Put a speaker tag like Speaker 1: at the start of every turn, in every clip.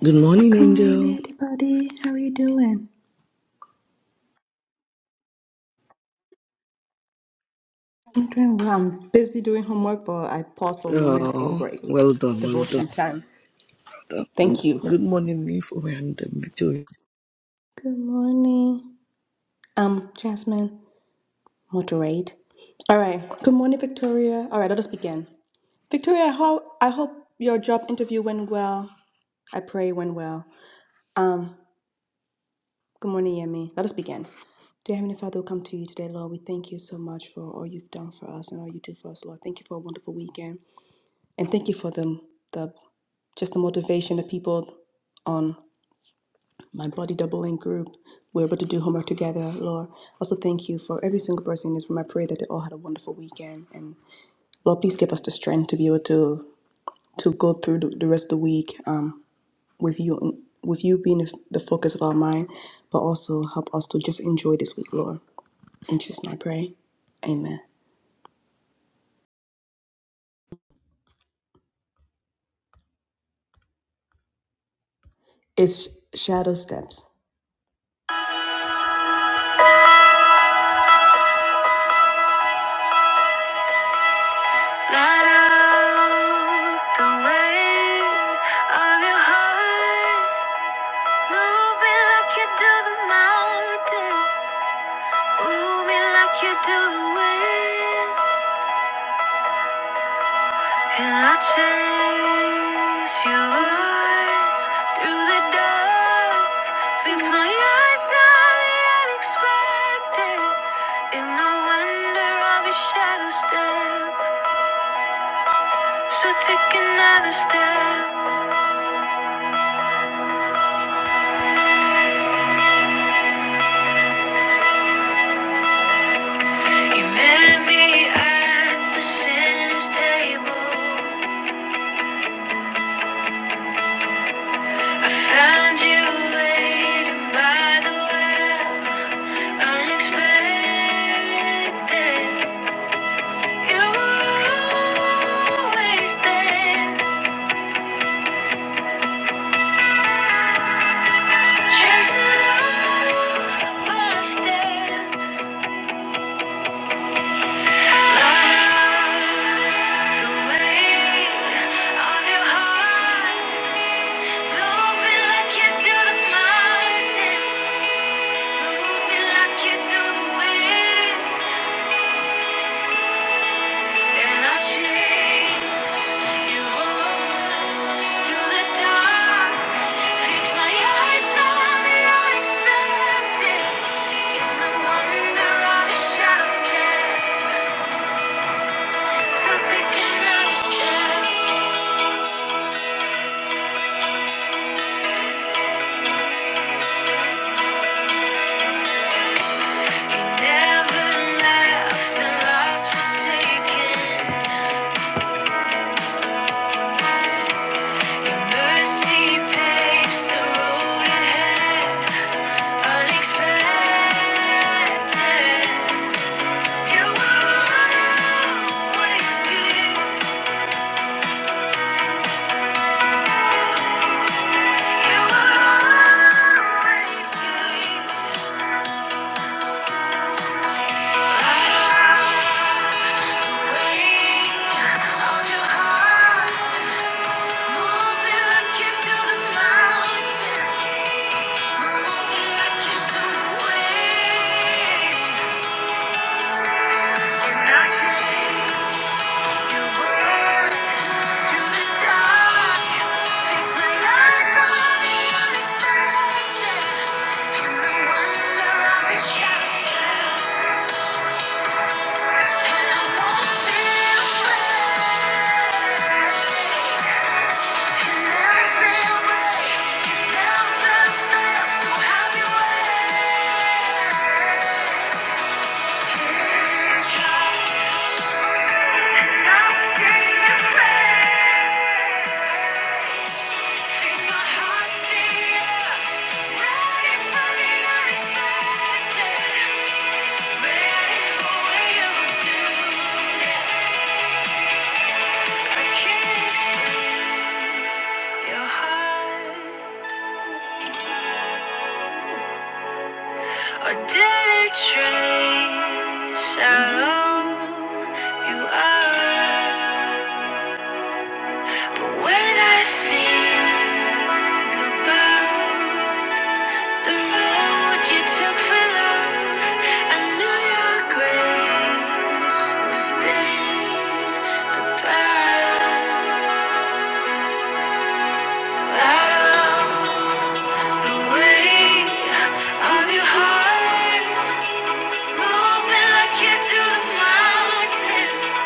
Speaker 1: Good morning, Angel. Oh, well done, well done. well done. Good, good morning, me for and um, Victoria.
Speaker 2: Let out the weight of your heart. Move me like you do the mountains. Move me like you do the wind. And i chase your eyes through the dark. Fix my eyes on the unexpected. In the wonder of your shadow step. So take another step. You met me at the sinner's table. I found you waiting by the well. Unexpected, you were always there. Just along my steps. Love the way of your heart, moving like you do the mountain. Move me like you do the wind, and I'll chase your voice through the dark. Fix my eyes on the unexpected, in the wonder of the shadow step. So take another step. You never left the lost forsaken. Your mercy paves the road ahead. Mountain, move me back into the wind. And I chase your words through the dark. Fix my eyes on the unexpected. And the wonder of the shadows And I won't be afraid. And everything will never fail. So have your way. And I'll sing your praise. or Did it trace out all you are? But when I think about The road you took for love, I knew your grace will stain the path. Light up the way of your heart, moving like you do the mountain,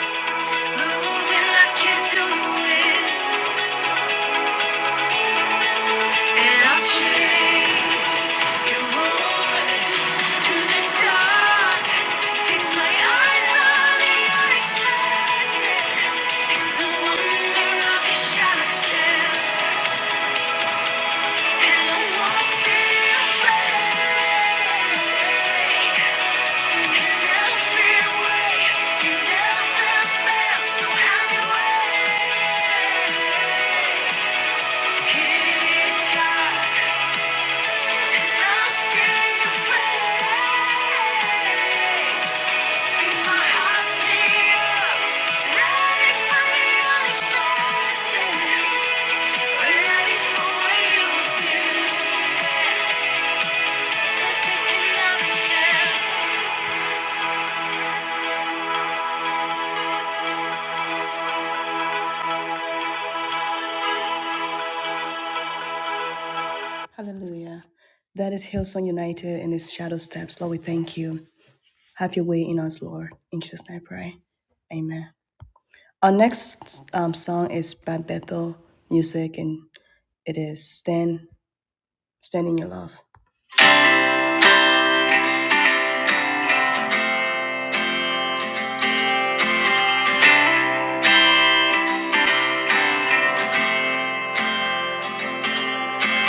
Speaker 2: moving like you do the wind. And I'll chase your voice through the dark. Fix my eyes on the unexpected. The wonder of your shadow step. And I won't be afraid. You never fear away. You never So have Here it comes.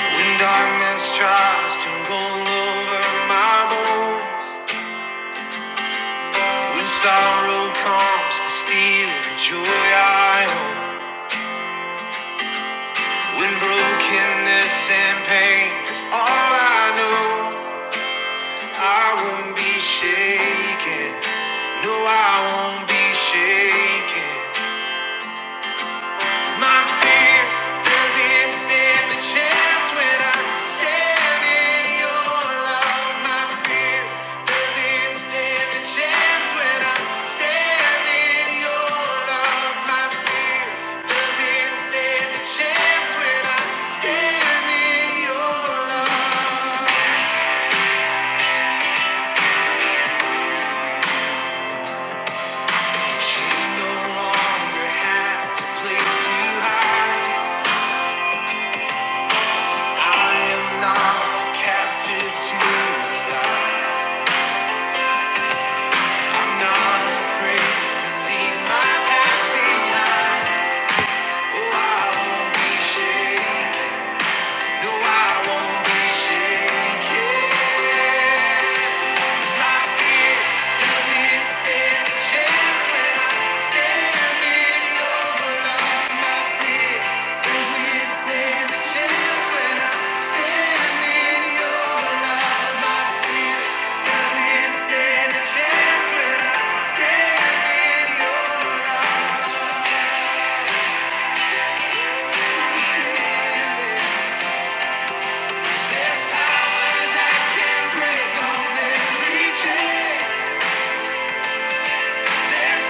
Speaker 2: When darkness tries to roll over my bones, when sorrow comes to steal the joy I own. When brokenness and pain is all I know, I won't be shaken. No, I won't be shaken. My fear doesn't stand a chance when I stand in your love. My fear doesn't stand a chance when I stand in your love. My fear doesn't stand a chance when I stand in your love. She no longer has a place to hide. I am not captive to the light. I'm not afraid to leave my past behind. Oh, I won't be shaken. No, I won't be shaken. There's power that can break off every chain. Standing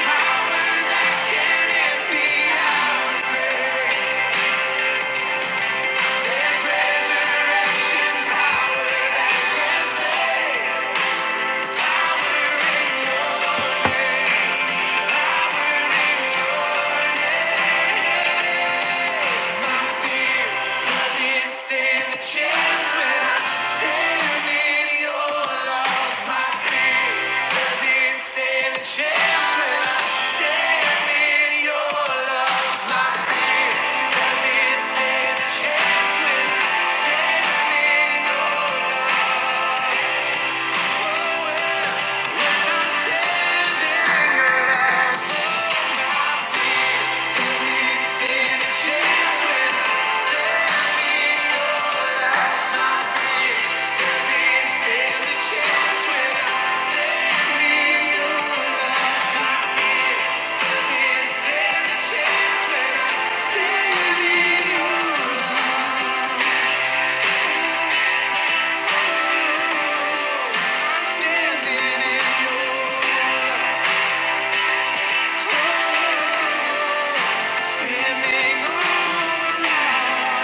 Speaker 2: Standing on the line.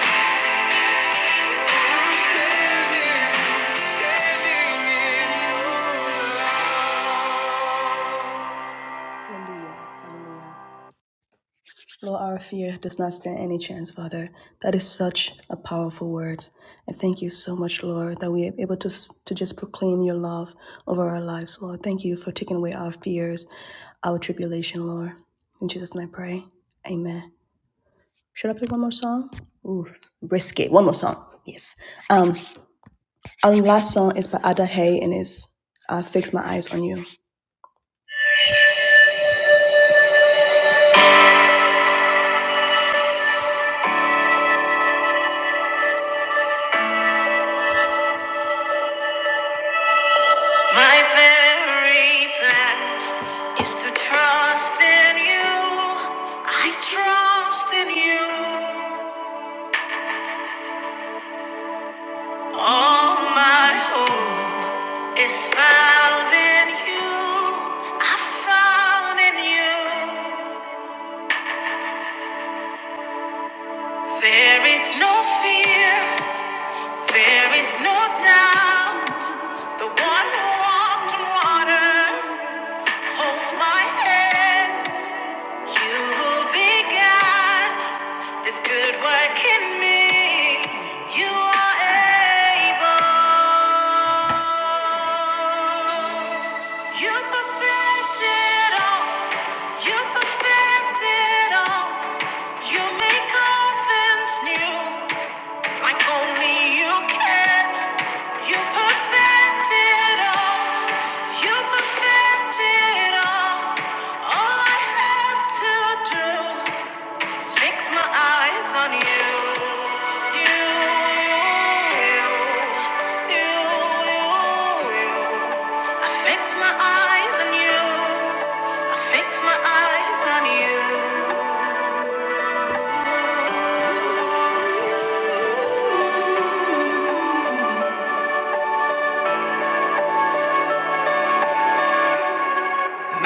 Speaker 2: My very plan is to trust in you. I trust in you. All my hope is found in you. I found in you. There is no fear. There is no doubt the one who walked on water holds my hands. You who began this good work in me, you are able. You perfect all. You perfect all. You make all things new. My perfect.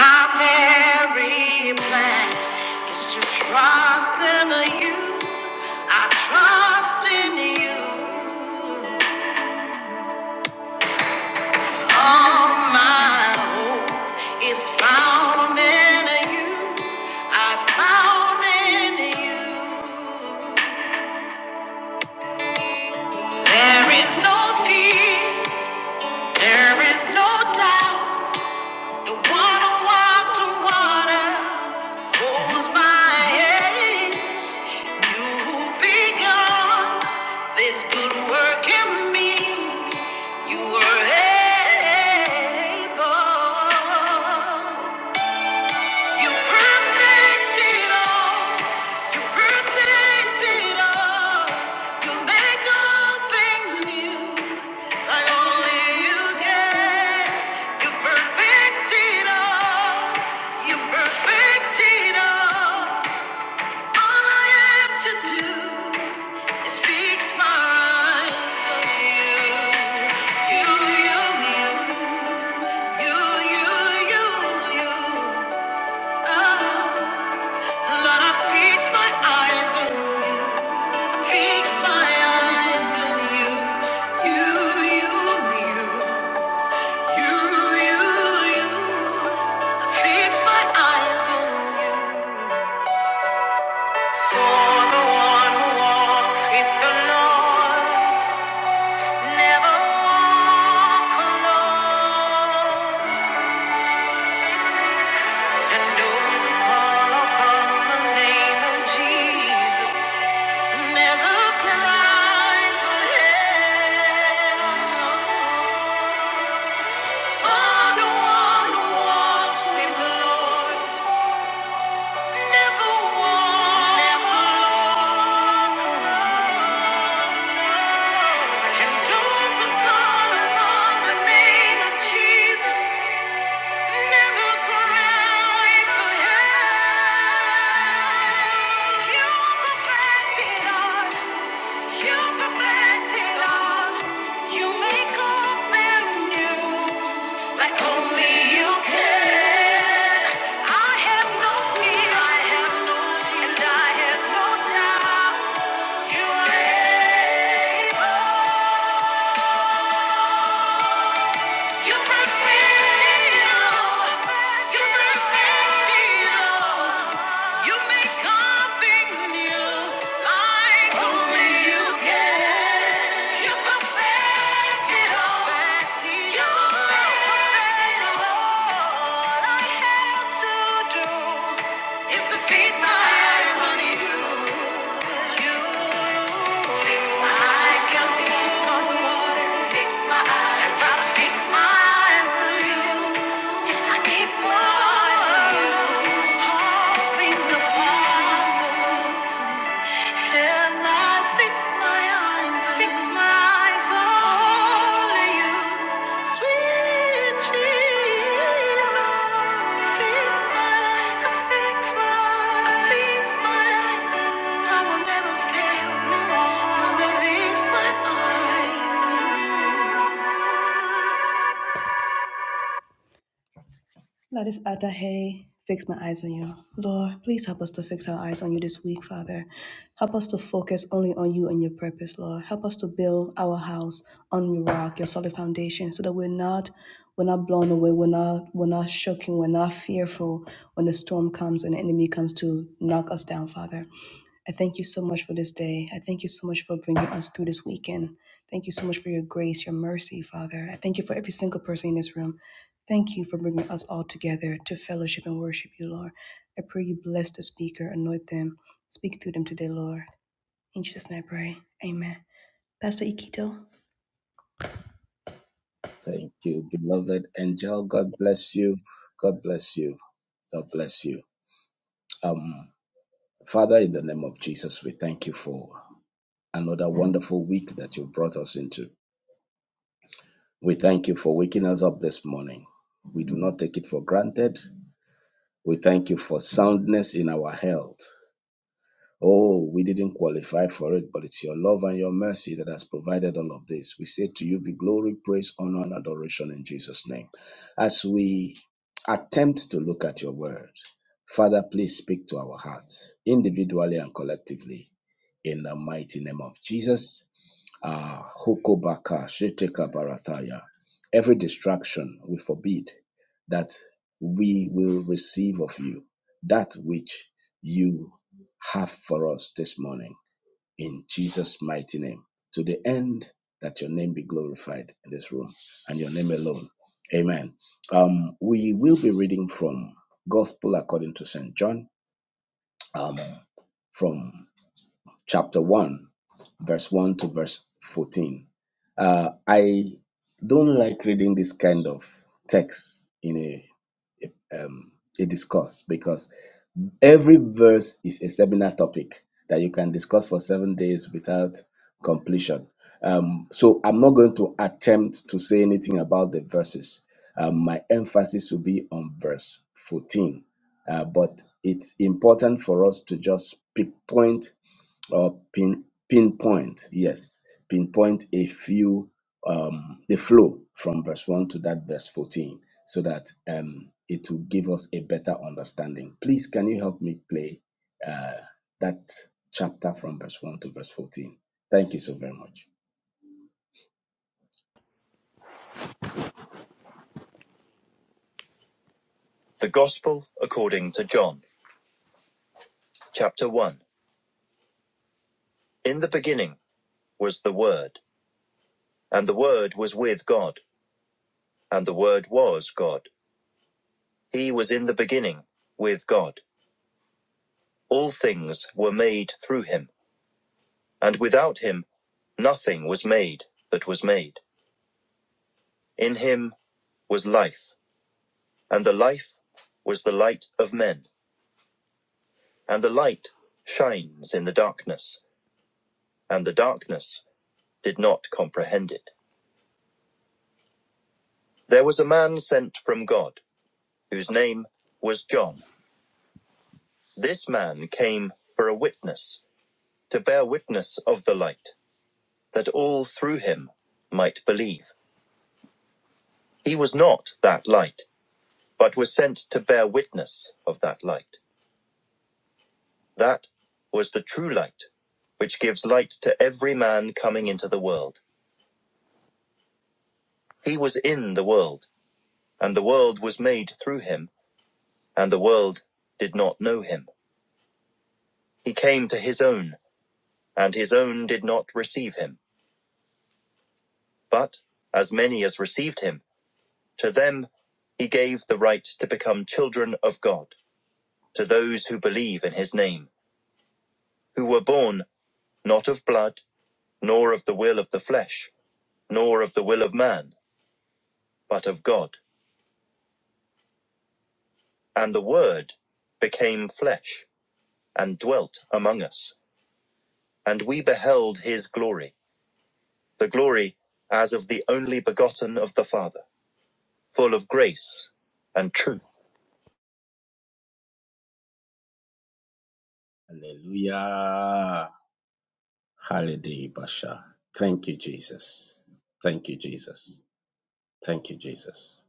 Speaker 2: My very plan is to trust in you. I trust in you. All my hope is found in you. I found in you. There is no fear. There is no doubt. The one who water holds my hands. You who this good work in me, you were able. You perfect it all. You perfect it all. You make all things new. Like only you can. You perfect it all. You perfect it all. All I have to do is fix my eyes on you. You, you, you, you, you, you, you. Oh. Lord, I fix my eyes on you. I fix my eyes on you. You, you, you. You, you, you. I fix my eyes on you. For the one who walks with the Lord, never walk alone. Those who call upon the name of Jesus never cry for help. Father, one who walks with the Lord never alone. And those who call upon the name of Jesus. And I have no doubt you are able. You perfect it all. You perfect it all. You make all things new, like only you can. You perfect it all. You perfect it all. All I have to do is to feast my eyes on you. You, keep more of you. All Things are possible. And I fix my eyes, fix my eyes on you, sweet Jesus. Fix my eyes, fix my eyes, fix my eyes. I will never fail. No, fix my eyes on you.
Speaker 3: Thank you, beloved angel. God bless you. God bless you. God bless you. Um, Father, in the name of Jesus, we thank you for another wonderful week that you brought us into. We thank you for waking us up this morning. We do not take it for granted. We thank you for soundness in our health. Oh, we didn't qualify for it, but it's your love and your mercy that has provided all of this. We say to you be glory, praise, honor, and adoration in Jesus' name. As we attempt to look at your word, Father, please speak to our hearts individually and collectively in the mighty name of Jesus. Ah, Hokobaka, Sheteka Barathaya. Every distraction we forbid that we will receive of you, that which you have for us this morning in Jesus' mighty name. To the end that your name be glorified in this room and your name alone. Amen. Um, we will be reading from Gospel according to St. John, um, from chapter 1, verse 1 to verse 14. Uh, I don't like reading this kind of text in a, a, um, a discourse because Every verse is a seminar topic that you can discuss for seven days without completion. Um, so I'm not going to attempt to say anything about the verses. Um, my emphasis will be on verse 14. Uh, but it's important for us to just pinpoint or pin pinpoint, yes, pinpoint a few um the flow from verse 1 to that verse 14 so that um it will give us a better understanding. Please can you help me play uh that chapter from verse 1 to verse 14? Thank you so very much.
Speaker 1: The Gospel according to John, chapter 1. In the beginning was the Word, and the Word was with God, and the Word was God. He was in the beginning with God. All things were made through him, and without him nothing was made that was made. In him was life, and the life was the light of men. And the light shines in the darkness, and the darkness did not comprehend it. There was a man sent from God, whose name was John. This man came for a witness, to bear witness of the light, that all through him might believe. He was not that light, but was sent to bear witness of that light. That was the true light, which gives light to every man coming into the world. He was in the world, and the world was made through him and the world did not know him. He came to his own, and his own did not receive him. But as many as received him, to them he gave the right to become children of God, to those who believe in his name, who were born not of blood, nor of the will of the flesh, nor of the will of man, but of God. And the Word became flesh, and dwelt among us, and we beheld his glory, the glory as of the only begotten of the Father full of grace and truth.
Speaker 3: Hallelujah. Hallelujah, Basha. Thank you, Jesus. Thank you, Jesus. Thank you, Jesus.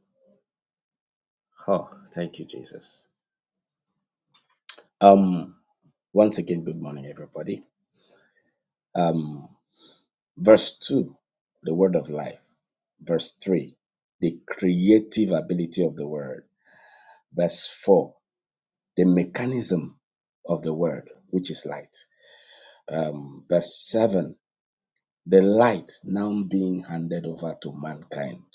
Speaker 3: Oh, thank you, Jesus. Um, once again, good morning, everybody. Um, verse 2, the word of life. Verse 3, the creative ability of the word. Verse 4, the mechanism of the word, which is light. Um, verse 7, the light now being handed over to mankind.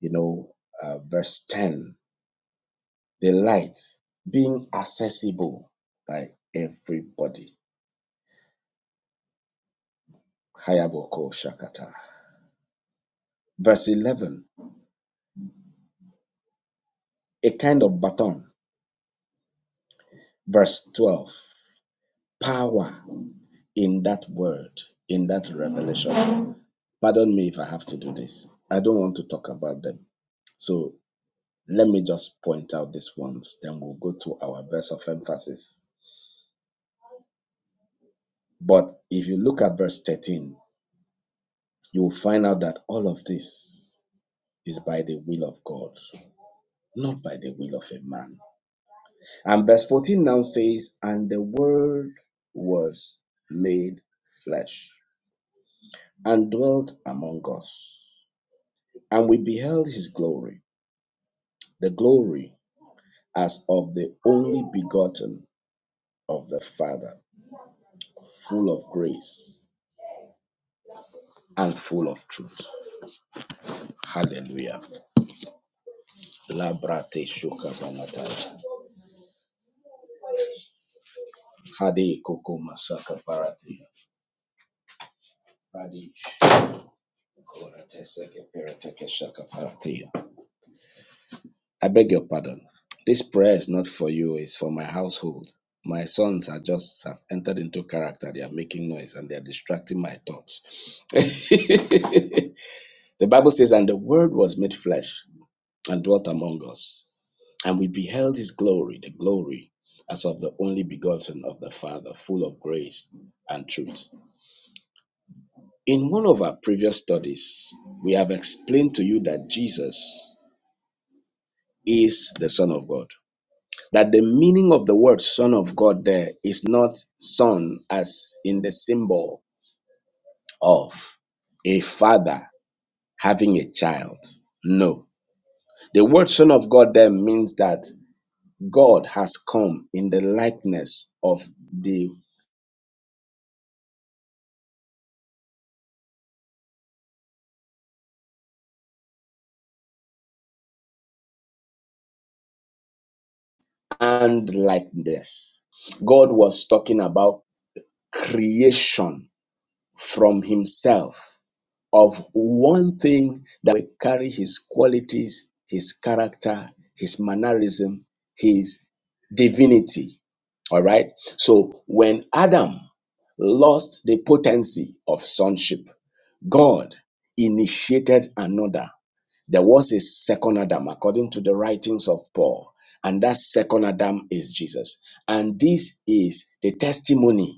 Speaker 3: You know, uh, verse 10, the light being accessible by everybody. Hayaboko Shakata. Verse 11, a kind of baton. Verse 12. power in that word, in that revelation. Pardon me if I have to do this. I don't want to talk about them. So let me just point out these ones, then we'll go to our verse of emphasis. But if you look at verse 13, you will find out that all of this is by the will of God, not by the will of a man. And verse 14 now says, And the word was made flesh and dwelt among us, and we beheld his glory the glory as of the only begotten of the Father, full of grace and full of truth. Hallelujah. Labrate shukabanataya. Hade koko masaka paratea. Radish. I beg your pardon. This prayer is not for you, it's for my household. My sons are just have entered into character. They are making noise and they are distracting my thoughts. The Bible says, And the word was made flesh and dwelt among us, and we beheld his glory, the glory as of the only begotten of the Father, full of grace and truth. In one of our previous studies, we have explained to you that Jesus is the Son of God. That the meaning of the word Son of God there is not son as in the symbol of a father having a child. No. The word Son of God there means that God has come in the likeness of the and likeness. God was talking about creation from himself of one thing that will carry his qualities, his character, his mannerism, his divinity. All right. So when Adam lost the potency of sonship, God initiated another. There was a second Adam, according to the writings of Paul, and that second Adam is Jesus. And this is the testimony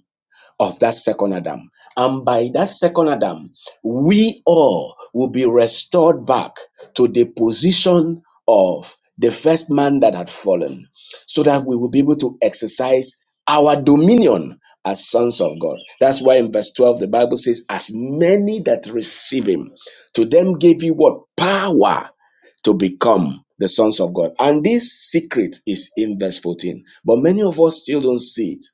Speaker 3: of that second Adam. And by that second Adam, we all will be restored back to the position of the first man that had fallen, so that we will be able to exercise our dominion as sons of God. That's why in verse 12, the Bible says, As many that receive him, to them gave you what? Power to become the sons of God. And this secret is in verse 14. But many of us still don't see it.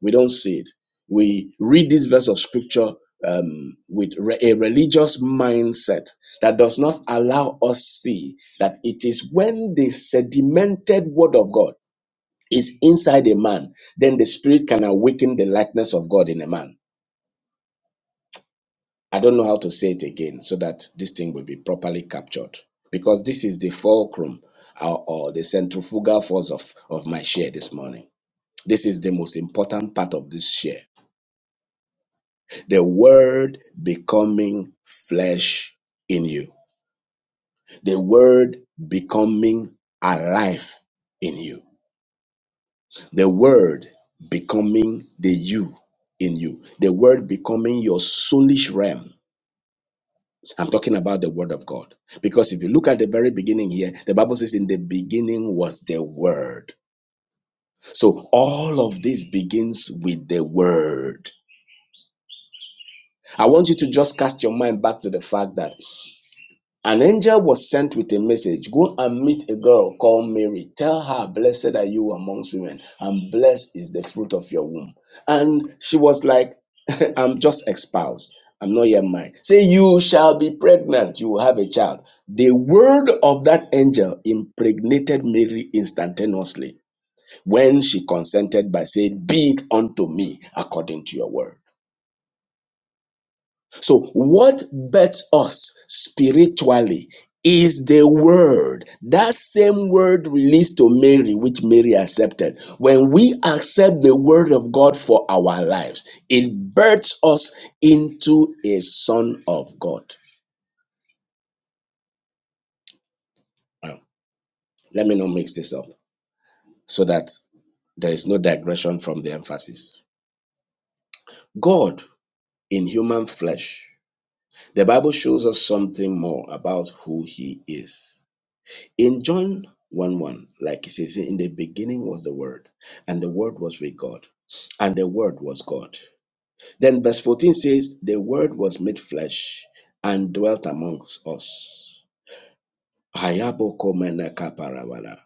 Speaker 3: We don't see it. We read this verse of scripture um, with re- a religious mindset that does not allow us see that it is when the sedimented word of God is inside a man, then the spirit can awaken the likeness of God in a man. I don't know how to say it again so that this thing will be properly captured because this is the fulcrum or, or the centrifugal force of, of my share this morning. This is the most important part of this share The word becoming flesh in you. The word becoming alive in you. The word becoming the you in you. The word becoming your soulish realm. I'm talking about the word of God. Because if you look at the very beginning here, the Bible says, In the beginning was the word. So all of this begins with the word. I want you to just cast your mind back to the fact that An angel was sent with a message Go and meet a girl called Mary. Tell her, Blessed are you amongst women, and blessed is the fruit of your womb. And she was like, I'm just espoused. I'm not yet married. Say, You shall be pregnant. You will have a child. The word of that angel impregnated Mary instantaneously when she consented by saying, Be it unto me according to your word. So, what bets us spiritually is the word. That same word released to Mary, which Mary accepted. When we accept the word of God for our lives, it births us into a son of God. Now, let me not mix this up so that there is no digression from the emphasis. God in human flesh. The Bible shows us something more about who he is. In John 1 1, like it says, in the beginning was the Word, and the Word was with God, and the Word was God. Then verse 14 says, The Word was made flesh and dwelt amongst us. Hayaboko menaka parabara.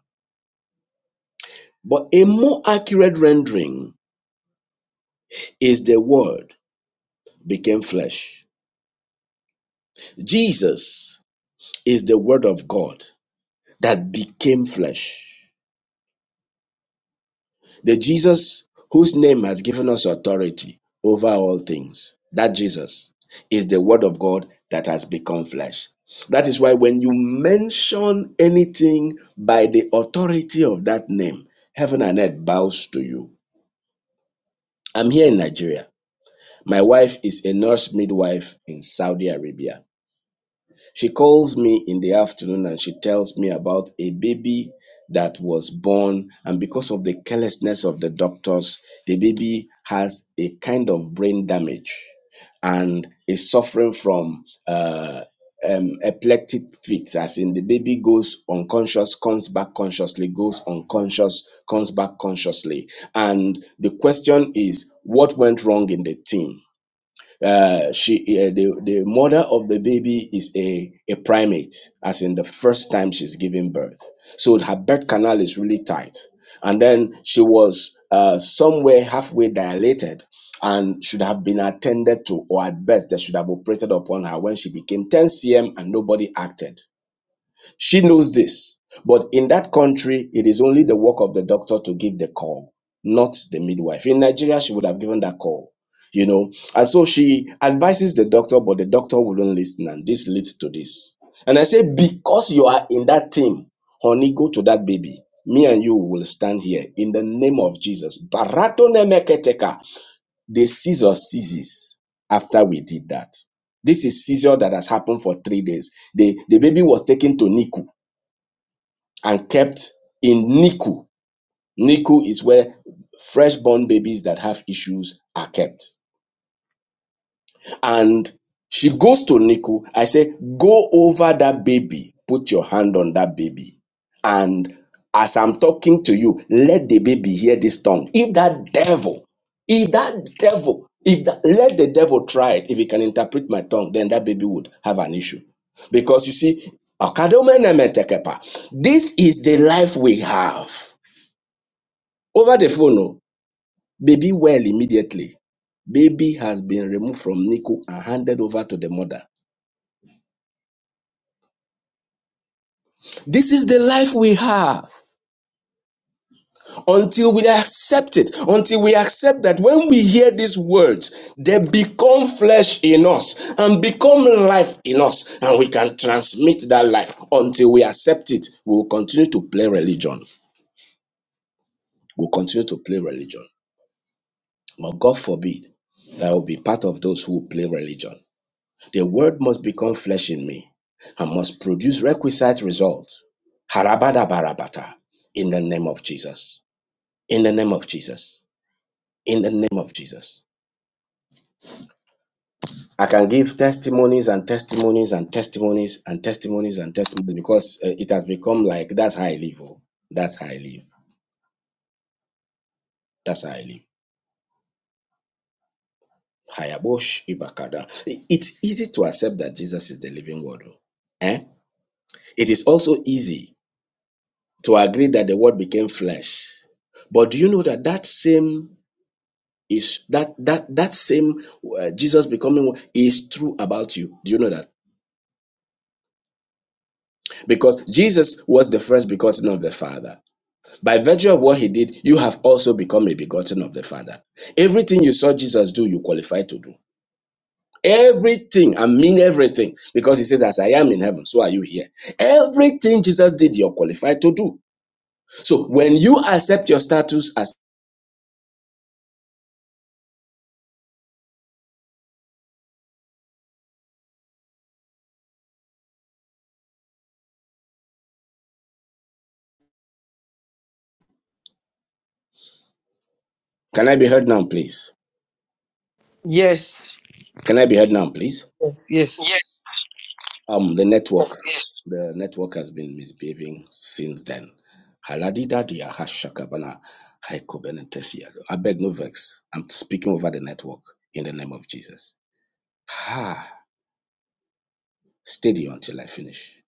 Speaker 3: But a more accurate rendering is the Word became flesh. Jesus is the Word of God that became flesh. The Jesus whose name has given us authority over all things, that Jesus is the Word of God that has become flesh. That is why when you mention anything by the authority of that name, heaven and earth bows to you. I'm here in Nigeria. My wife is a nurse midwife in Saudi Arabia. She calls me in the afternoon and she tells me about a baby that was born. And because of the carelessness of the doctors, the baby has a kind of brain damage and is suffering from uh, um, epileptic fits, as in the baby goes unconscious, comes back consciously, goes unconscious, comes back consciously. And the question is, what went wrong in the team? Uh, she, uh, the, the mother of the baby is a, a primate, as in the first time she's giving birth. So her birth canal is really tight. And then she was uh, somewhere halfway dilated and should have been attended to, or at best, they should have operated upon her when she became 10 cm and nobody acted. She knows this. But in that country, it is only the work of the doctor to give the call, not the midwife. In Nigeria, she would have given that call, you know. And so she advises the doctor, but the doctor wouldn't listen. And this leads to this. And I say, because you are in that team, honey, go to that baby. Me and you will stand here in the name of Jesus. Barato nemeketeka. The seizure ceases after we did that. This is seizure that has happened for three days. The, the baby was taken to NICU and kept in NICU. NICU is where fresh-born babies that have issues are kept. And she goes to NICU. I say, go over that baby, put your hand on that baby. And as I'm talking to you, let the baby hear this tongue. If that devil, if that devil, if that, let the devil try it, if he can interpret my tongue, then that baby would have an issue. Because you see, Akadomenemetekepa, this is the life we have. Over the phone, oh, baby well immediately. Baby has been removed from Nico and handed over to the mother. This is the life we have until we accept it, until we accept that when we hear these words, they become flesh in us and become life in us, and we can transmit that life until we accept it. We will continue to play religion. We'll continue to play religion. But God forbid that will be part of those who play religion. The word must become flesh in me and must produce requisite results. Harabada barabata. In the name of Jesus. In the name of Jesus. In the name of Jesus. I can give testimonies and testimonies and testimonies and testimonies and testimonies because uh, it has become like that's how I live. oh. That's how I live. That's how I live. Hayabosh Ibakada. It's easy to accept that Jesus is the living word. oh. Eh? It is also easy to agree that the word became flesh. But do you know that that same is that that that same uh, Jesus becoming is true about you? Do you know that? Because Jesus was the first begotten of the Father. By virtue of what he did, you have also become a begotten of the Father. Everything you saw Jesus do, you qualify to do. Everything, I mean everything, because he says, As I am in heaven, so are you here. Everything Jesus did, you're qualified to do. So when you accept your status as, can I be heard now, please? Can I be heard now, please? Yes. Um, the network, Yes. the network has been misbehaving since then. Haladida dia hashakabana haikobenentesia. I beg no vex. I'm speaking over the network in the name of Jesus. Ha! Steady until I finish.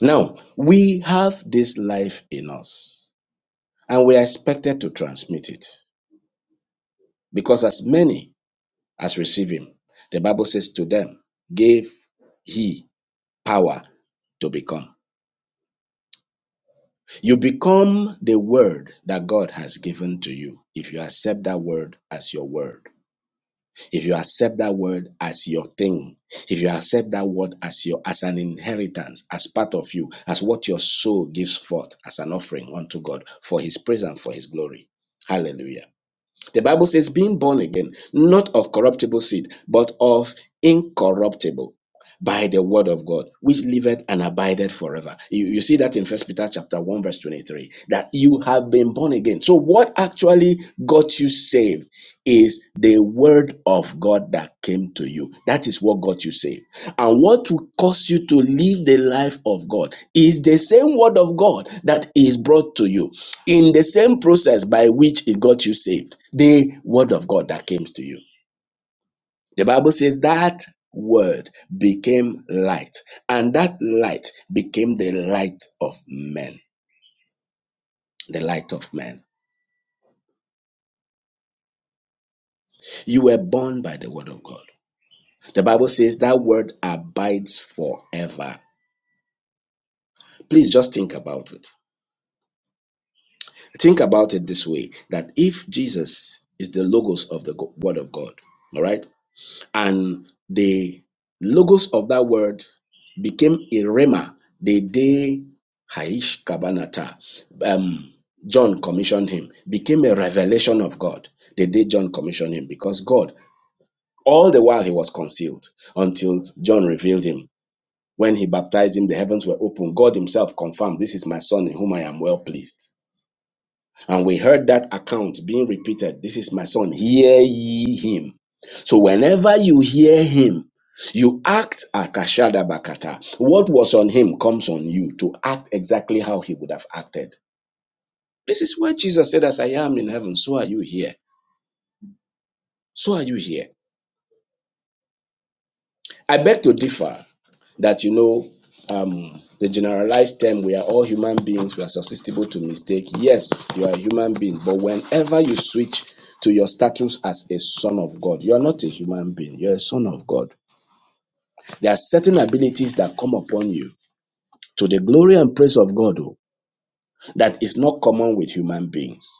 Speaker 3: Now we have this life in us, and we are expected to transmit it because as many as receive Him, the Bible says to them, gave He power to become. You become the word that God has given to you if you accept that word as your word. If you accept that word as your thing, if you accept that word as your as an inheritance, as part of you, as what your soul gives forth as an offering unto God for his praise and for his glory. Hallelujah. The Bible says, being born again, not of corruptible seed, but of incorruptible by the word of God, which liveth and abideth forever. You, you see that in First Peter chapter 1, verse 23, that you have been born again. So what actually got you saved is the word of God that came to you. That is what got you saved. And what will cause you to live the life of God is the same word of God that is brought to you in the same process by which it got you saved, the word of God that came to you. The Bible says that word became light, and that light became the light of men. The light of men. You were born by the word of God. The Bible says that word abides forever. Please just think about it. Think about it this way that if Jesus is the logos of the word of God, all right? and the logos of that word became a rhema the day Haish Kabanata, um, John commissioned him, became a revelation of God the day John commissioned him, because God, all the while he was concealed until John revealed him. When he baptized him, the heavens were open. God himself confirmed, This is my son in whom I am well pleased. And we heard that account being repeated. This is my son. Hear ye him. So whenever you hear him, you act akashada bakata. What was on him comes on you to act exactly how he would have acted. This is where Jesus said, As I am in heaven, so are you here. So are you here. I beg to differ that, you know, um, the generalized term, we are all human beings, we are susceptible to mistake. Yes, you are a human being, but whenever you switch to your status as a son of God, you are not a human being, you're a son of God. There are certain abilities that come upon you to the glory and praise of God oh, that is not common with human beings.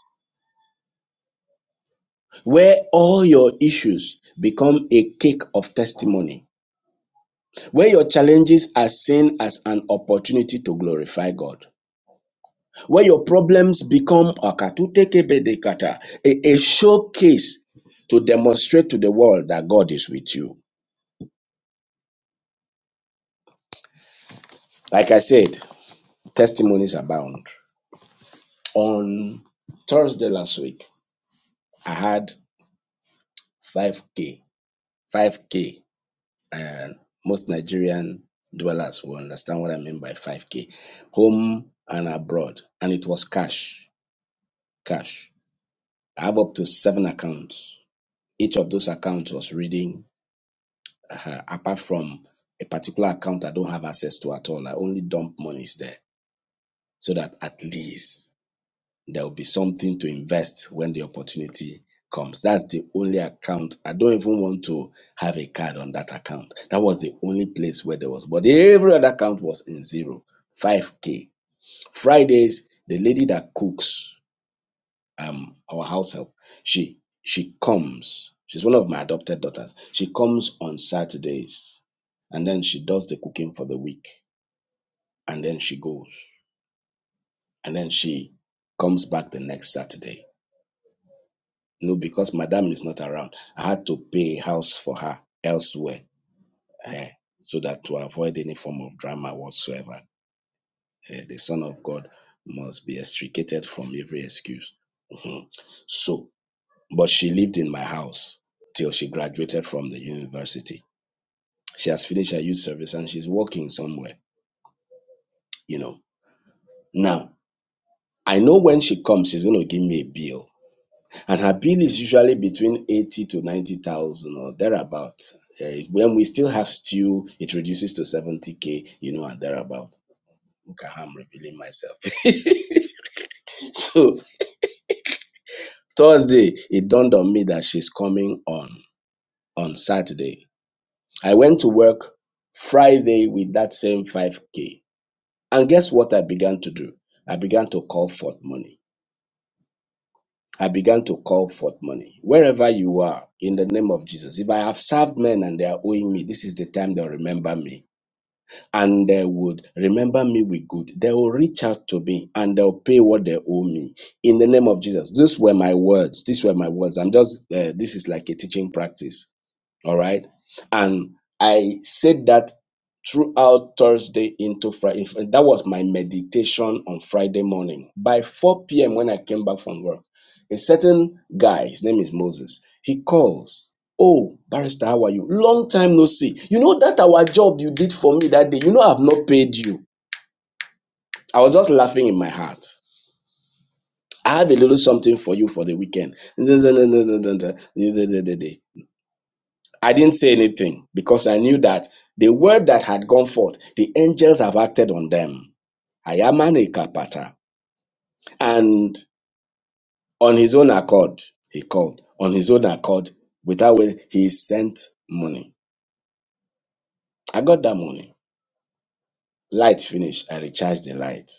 Speaker 3: Where all your issues become a cake of testimony, where your challenges are seen as an opportunity to glorify God. where your problems become akatutekebedekata, a, a showcase to demonstrate to the world that God is with you. Like I said, testimonies abound. On Thursday last week, I had 5K, 5K, and most Nigerian dwellers will understand what I mean by 5K, home and abroad. And it was cash, cash. I have up to seven accounts. Each of those accounts was reading uh, apart from a particular account I don't have access to at all. I only dump monies there so that at least there will be something to invest when the opportunity comes. That's the only account. I don't even want to have a card on that account. That was the only place where there was, but every other account was in zero, five 5K. Fridays, the lady that cooks, um our house help she she comes she's one of my adopted daughters she comes on saturdays and then she does the cooking for the week and then she goes and then she comes back the next saturday no because madam is not around i had to pay a house for her elsewhere eh, so that to avoid any form of drama whatsoever Eh, the son of god must be extricated from every excuse Mhm. so but she lived in my house till she graduated from the university. She has finished her youth service and she's working somewhere, you know. Now, I know when she comes, she's going to give me a bill, and her bill is usually between eighty to ninety thousand or thereabout. Eh, When we still have stew, it reduces to seventy k, you know, and thereabout. Look at how I'm revealing myself. so Thursday, it dawned on me that she's coming on on Saturday I went to work Friday with that same 5K. And guess what I began to do? I began to call forth money. I began to call forth money. Wherever you are, in the name of Jesus, if I have served men and they are owing me, this is the time they'll remember me. And they would remember me with good. They will reach out to me and they'll pay what they owe me. In the name of Jesus. These were my words. These were my words. I'm just, uh, this is like a teaching practice All right. And I said that throughout Thursday into Friday. That was my meditation on Friday morning. By 4 p.m., when I came back from work, a certain guy, his name is Moses, he calls. Oh, barrister, how are you? Long time no see. You know that our job you did for me that day, you know I've not paid you. I was just laughing in my heart. I have a little something for you for the weekend. I didn't say anything because I knew that the word that had gone forth, the angels have acted on them. Ayamane kapata. And on his own accord, he called. On his own accord, without waiting, he sent money. I got that money. Light finished. I recharged the light,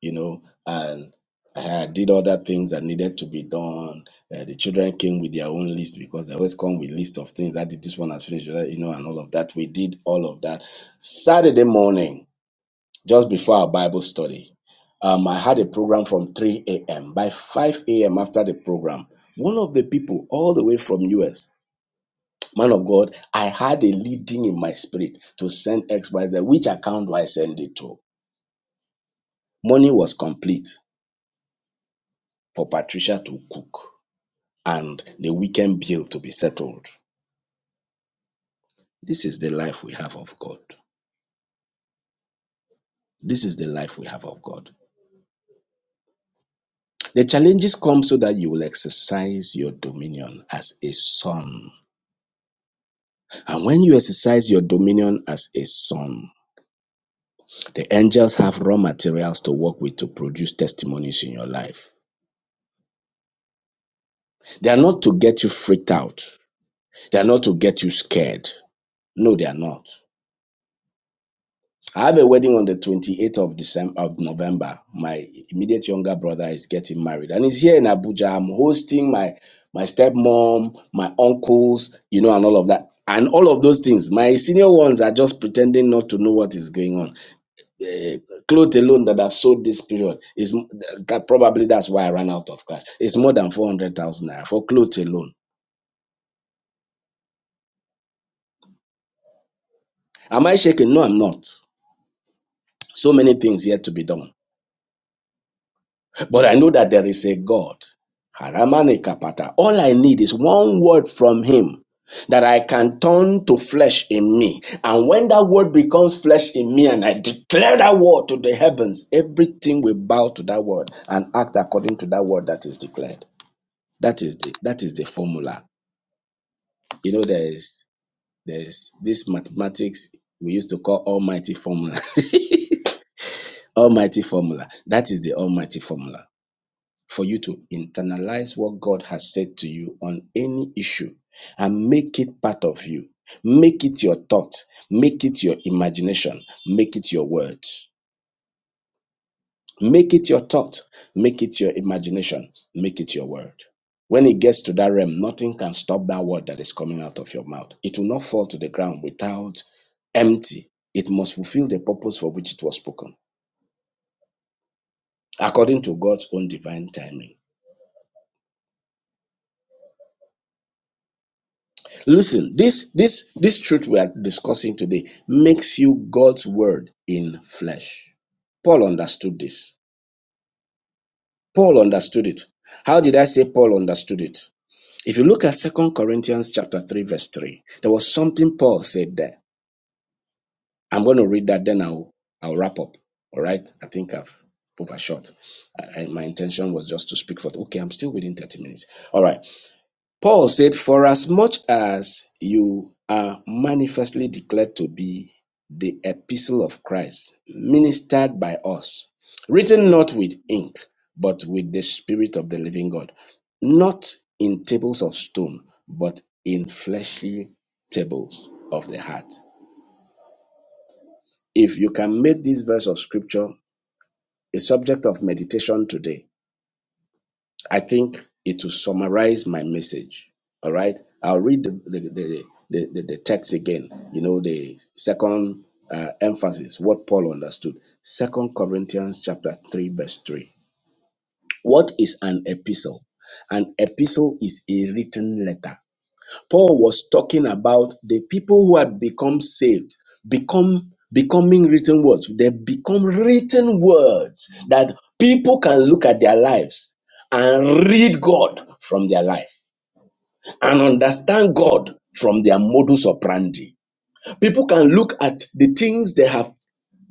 Speaker 3: you know, and I did other things that needed to be done. Uh, the children came with their own list because they always come with list of things. I did this one has finished, you know, and all of that. We did all of that. Saturday morning, just before our Bible study. Um, I had a program from 3 a.m. By 5 a.m. after the program, one of the people all the way from US, man of God, I had a leading in my spirit to send XYZ. Which account do I send it to? Money was complete for Patricia to cook and the weekend bill to be settled. This is the life we have of God. This is the life we have of God. The challenges come so that you will exercise your dominion as a son And when you exercise your dominion as a son, the angels have raw materials to work with to produce testimonies in your life. They are not to get you freaked out. They are not to get you scared. No, they are not. I have a wedding on the 28th of December of November. My immediate younger brother is getting married and he's here in Abuja. I'm hosting my my stepmom, my uncles, you know, and all of that. And all of those things. My senior ones are just pretending not to know what is going on. eh, clothes alone that I've sold this period is that probably that's why I ran out of cash. It's more than 400,000 naira for clothes alone. Am I shaking? No, I'm not. So many things yet to be done. But I know that there is a God. Haramane kapata. All I need is one word from Him that I can turn to flesh in me. And when that word becomes flesh in me and I declare that word to the heavens, everything will bow to that word and act according to that word that is declared. That is the that is the formula. You know, there is there is this mathematics we used to call almighty formula. almighty formula. That is the almighty formula for you to internalize what God has said to you on any issue and make it part of you. Make it your thought, make it your imagination, make it your words. Make it your thought, make it your imagination, make it your word. When it gets to that realm, nothing can stop that word that is coming out of your mouth. It will not fall to the ground without empty. It must fulfill the purpose for which it was spoken, according to God's own divine timing. Listen, this this this truth we are discussing today makes you God's word in flesh. Paul understood this. Paul understood it. How did I say Paul understood it? If you look at Second Corinthians chapter 3, verse 3, there was something Paul said there. I'm going to read that, then I'll I'll wrap up. All right. I think I've overshot. I, I- my intention was just to speak for okay, I'm still within 30 minutes. All right. Paul said, Forasmuch as much as you are manifestly declared to be the epistle of Christ, ministered by us, written not with ink, but with the Spirit of the living God, not in tables of stone, but in fleshly tables of the heart. If you can make this verse of scripture a subject of meditation today, I think it will summarize my message. All right. I'll read the the, the, the, the, the text again. You know, the second uh, emphasis, what Paul understood. Second Corinthians chapter 3, verse 3. What is an epistle? An epistle is a written letter Paul was talking about the people who had become saved, become becoming written words. They become written words that people can look at their lives and read God from their life and understand God from their modus operandi. People can look at the things they have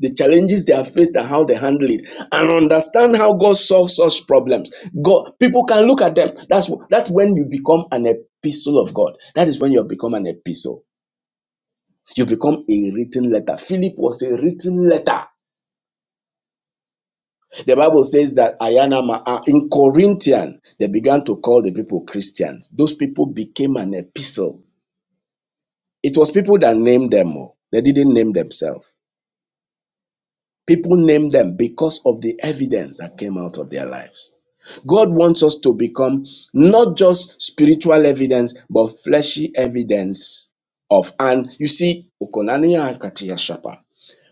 Speaker 3: the challenges they have faced and how they handle it and understand how god solves such problems god people can look at them that's that's when you become an epistle of god that is when you become an epistle you become a written letter philip was a written letter the bible says that ayanama uh, in corinthian they began to call the people christians those people became an epistle it was people that named them oh. they didn't name themselves people named them because of the evidence that came out of their lives God wants us to become not just spiritual evidence, but fleshy evidence of. And you see, Okonania Akatia Shapa.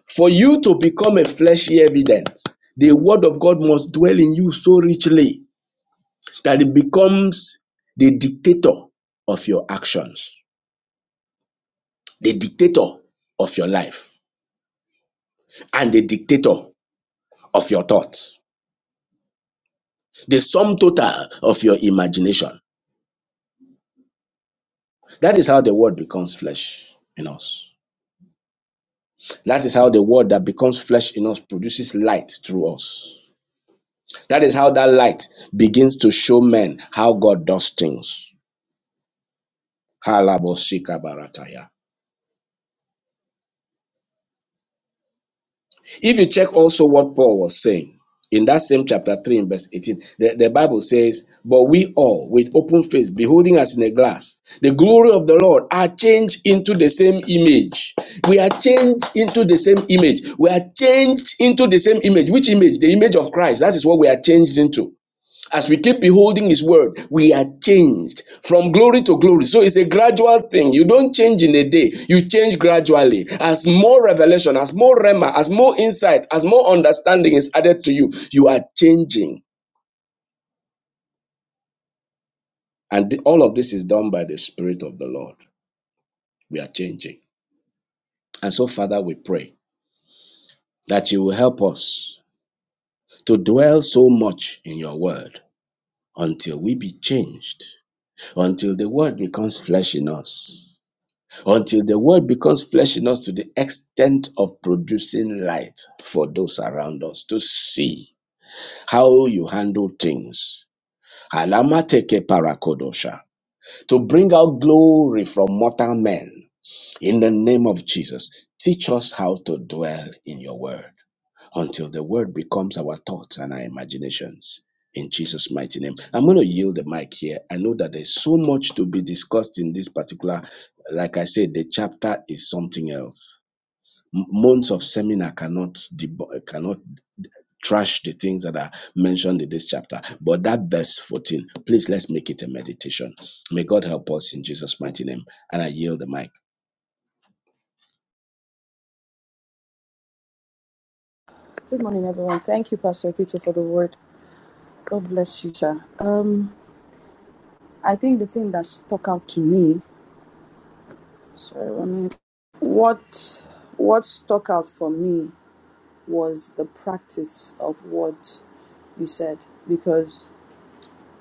Speaker 3: for you to become a fleshy evidence, the word of God must dwell in you so richly that it becomes the dictator of your actions, the dictator of your life, and the dictator of your thoughts, the sum total of your imagination. That is how the word becomes flesh in us. That is how the word that becomes flesh in us produces light through us. That is how that light begins to show men how God does things. Halaboshikabarataya. If you check also what Paul was saying in that same chapter 3 in verse 18, the, the Bible says, But we all, with open face, beholding as in a glass, the glory of the Lord, are changed into the same image. We are changed into the same image. We are changed into the same image. Which image? The image of Christ. That is what we are changed into. As we keep beholding His word, we are changed from glory to glory. So it's a gradual thing. You don't change in a day, you change gradually. As more revelation, as more rema, as more insight, as more understanding is added to you, you are changing. And all of this is done by the Spirit of the Lord. We are changing. And so, Father, we pray that you will help us to dwell so much in your word until we be changed, until the word becomes flesh in us until the word becomes flesh in us to the extent of producing light for those around us to see how you handle things. Alamateke parakodosha To bring out glory from mortal men in the name of Jesus. Teach us how to dwell in your word until the word becomes our thoughts and our imaginations. In Jesus' mighty name. I'm going to yield the mic here. I know that there's so much to be discussed in this particular, like I said, the chapter is something else. M- Months of seminar cannot debo- cannot trash the things that are mentioned in this chapter. But that verse 14, please let's make it a meditation. May God help us in Jesus' mighty name. And I yield the mic.
Speaker 4: Good morning, everyone. Thank you, Pastor Peter, for the word. God bless you, sir. Um, I think the thing that stuck out to me, sorry, one minute. What what stuck out for me was the practice of what you said, because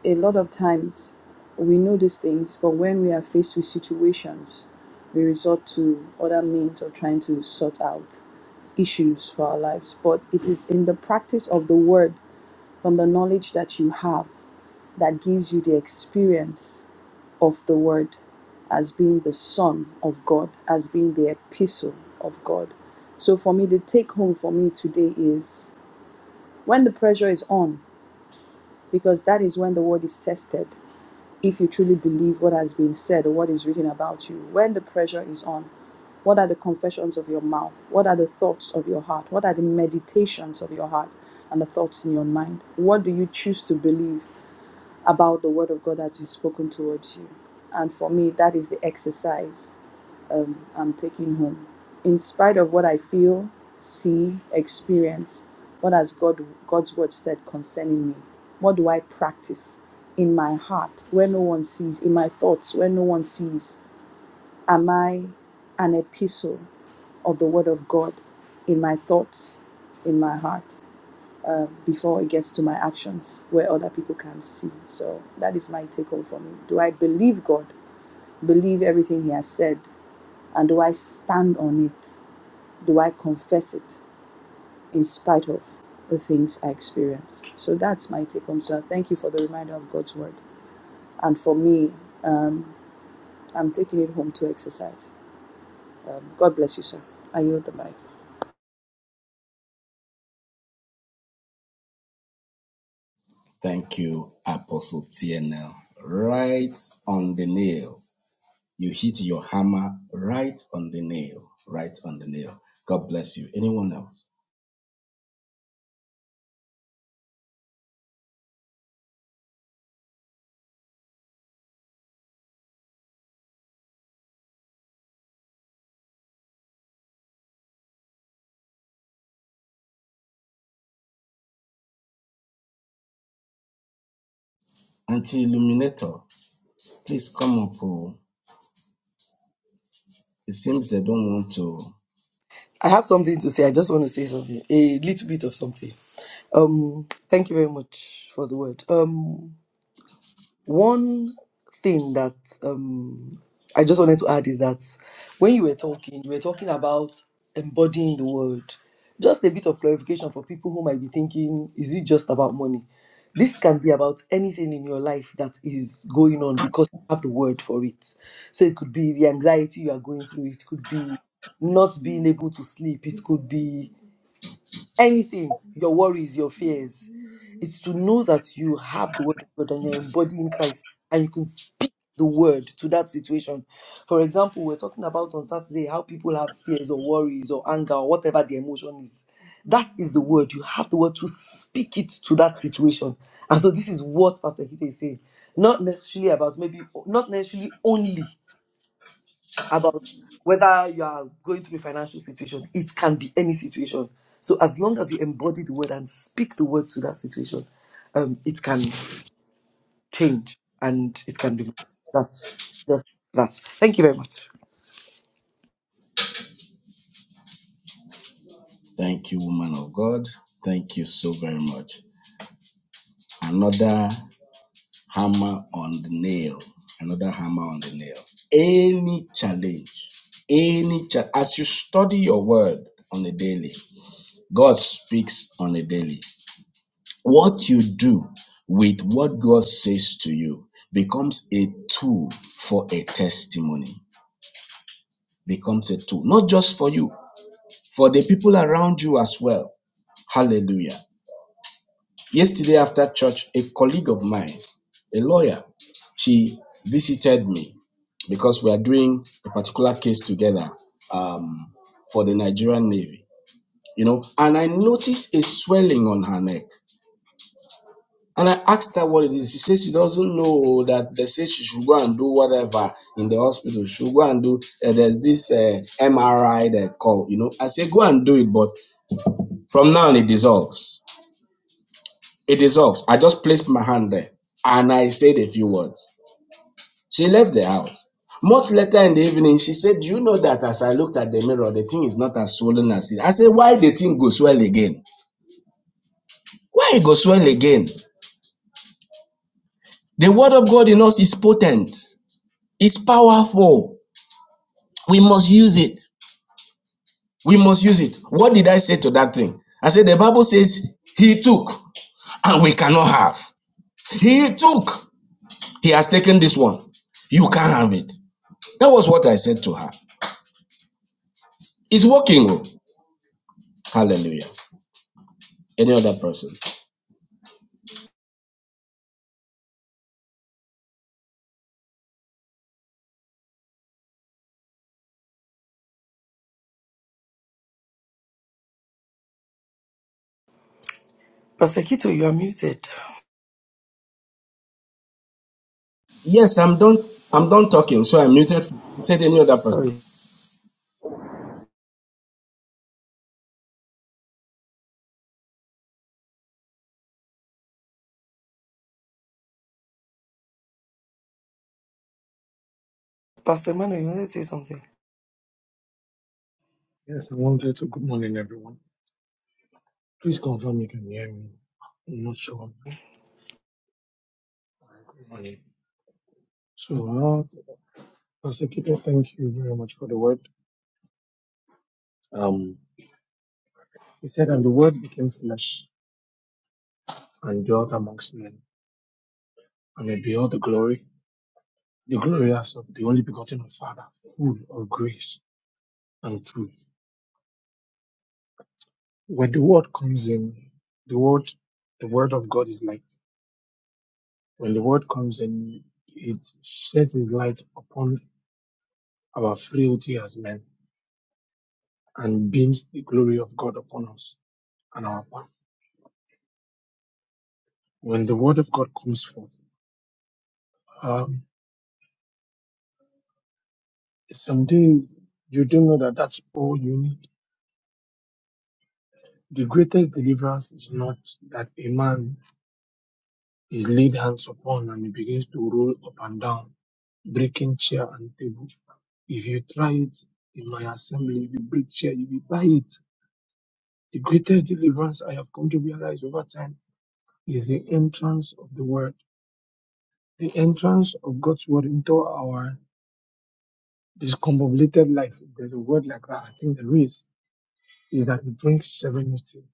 Speaker 4: a lot of times we know these things, but when we are faced with situations, we resort to other means of trying to sort out issues for our lives. But it is in the practice of the word, from the knowledge that you have. that gives you the experience of the Word as being the Son of God, as being the epistle of God. So, for me, the take home for me today is when the pressure is on, because that is when the Word is tested. If you truly believe what has been said or what is written about you, when the pressure is on, what are the confessions of your mouth? What are the thoughts of your heart? What are the meditations of your heart and the thoughts in your mind? What do you choose to believe? about the word of God has been spoken towards you. And for me, that is the exercise um, I'm taking home. In spite of what I feel, see, experience, what has God God's word said concerning me? What do I practice in my heart where no one sees, in my thoughts where no one sees? Am I an epistle of the word of God in my thoughts, in my heart? before it gets to my actions where other people can see. So that is my take home for me. Do I believe God? Believe everything He has said? And do I stand on it? Do I confess it in spite of the things I experience? So that's my take home. So thank you for the reminder of God's word. And for me, um, I'm taking it home to exercise. Um, God bless you, sir. I yield the mic.
Speaker 3: Thank you, Apostle TNL. Right on the nail. You hit your hammer right on the nail, right on the nail. God bless you. Anyone else? Auntie Illuminator, please come up. Oh. It seems they don't want to.
Speaker 1: I have something to say. I just want to say something, a little bit of something. Um, thank you very much for the word. Um, One thing that um, I just wanted to add is that when you were talking, you were talking about embodying the word. Just a bit of clarification for people who might be thinking, is it just about money? This can be about anything in your life that is going on because you have the word for it. So it could be the anxiety you are going through, it could be not being able to sleep, it could be anything, your worries, your fears. It's to know that you have the word of God and you're embodying Christ and you can speak the word to that situation. For example, we're talking about on Saturday how people have fears or worries or anger or whatever the emotion is. That is the word. You have the word to speak it to that situation. And so this is what Pastor Hite is saying. Not necessarily about maybe, not necessarily only about whether you are going through a financial situation. It can be any situation. So as long as you embody the word and speak the word to that situation, um, it can change and it can be. That's just that. Thank you very much.
Speaker 3: Thank you, woman of God. Thank you so very much. Another hammer on the nail. Another hammer on the nail. Any challenge, any challenge, as you study your word on a daily, God speaks on a daily. What you do with what God says to you becomes a tool for a testimony, becomes a tool, not just for you, for the people around you as well. Hallelujah. Yesterday after church, a colleague of mine, a lawyer, she visited me because we are doing a particular case together um, for the Nigerian Navy, you know, and I noticed a swelling on her neck. And I asked her what it is. She says she doesn't know that they say she should go and do whatever in the hospital. She should go and do, uh, there's this uh, MRI they call, you know. I say, go and do it, but from now on, it dissolves. It dissolves. I just placed my hand there and I said a few words. She left the house. Much later in the evening, she said, Do you know that as I looked at the mirror, the thing is not as swollen as it? I said, Why the thing go swell again? Why it go swell again? The word of God in us is potent, it's powerful. We must use it. We must use it. What did I say to that thing? I said, the Bible says, He took and we cannot have. He took. He has taken this one. You can't have it. That was what I said to her. It's working. oh. Hallelujah. Any other person?
Speaker 1: Pastor Kito, you are muted.
Speaker 3: Yes, I'm done. I'm done talking, so I'm muted. Said any other person.
Speaker 1: Sorry. Pastor Emmanuel, you wanted to say something?
Speaker 5: Yes, I wanted to. Good morning, everyone. Please confirm you can hear me. I'm not sure. Good morning. So, uh, Prosecutor, thank you very much for the word. Um, he said, and the word became flesh and dwelt amongst men, and it beheld the glory, the glory as of the only begotten of Father, full of grace and truth. When the word comes in, the word, the word of God is light. When the word comes in, it sheds its light upon our frailty as men and beams the glory of God upon us and our path. When the word of God comes forth, um, some days you don't know that that's all you need. The greatest deliverance is not that a man is laid hands upon and he begins to roll up and down, breaking chair and table. If you try it in my assembly, if you break chair, you will buy it. The greatest deliverance I have come to realize over time is the entrance of the word, the entrance of God's word into our discombobulated life, if there's a word like that, I think there is, is that it brings serenity.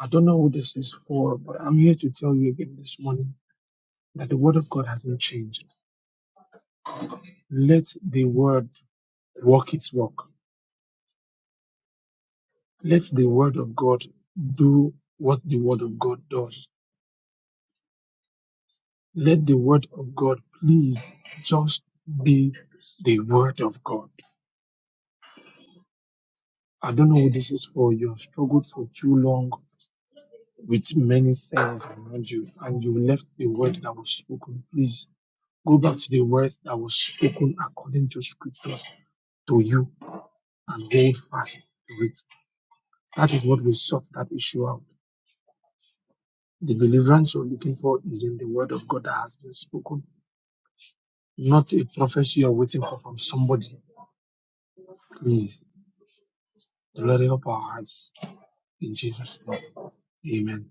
Speaker 5: I don't know who this is for, but I'm here to tell you again this morning that the word of God has not changed. Let the word walk its walk. Let the word of God do what the word of God does. Let the word of God please just be the word of God. I don't know who this is for. You have struggled for too long with many signs around you and you left the word that was spoken. Please go back to the words that was spoken according to scriptures to you and hold fast to it. That is what will sort that issue out. The deliverance you're looking for is in the word of God that has been spoken, not a prophecy you're waiting for from somebody. Please, the Lord help our hearts in Jesus' name. Amen.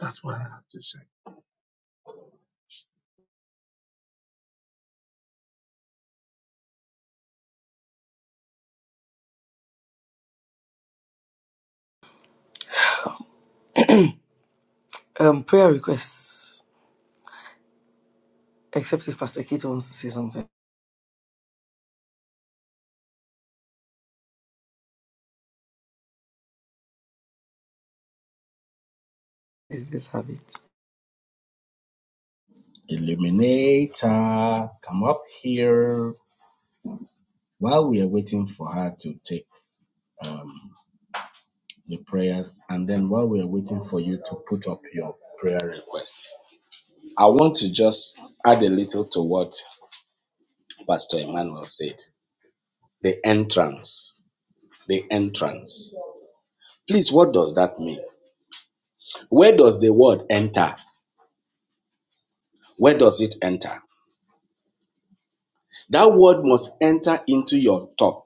Speaker 5: That's what I have to say.
Speaker 1: Um, prayer requests, except if Pastor Kito wants to say something. Is this habit?
Speaker 3: Illuminator, come up here while we are waiting for her to take. um, the prayers, and then while we're waiting for you to put up your prayer request, I want to just add a little to what Pastor Emmanuel said the entrance. The entrance. Please, what does that mean? Where does the word enter? Where does it enter? That word must enter into your thought,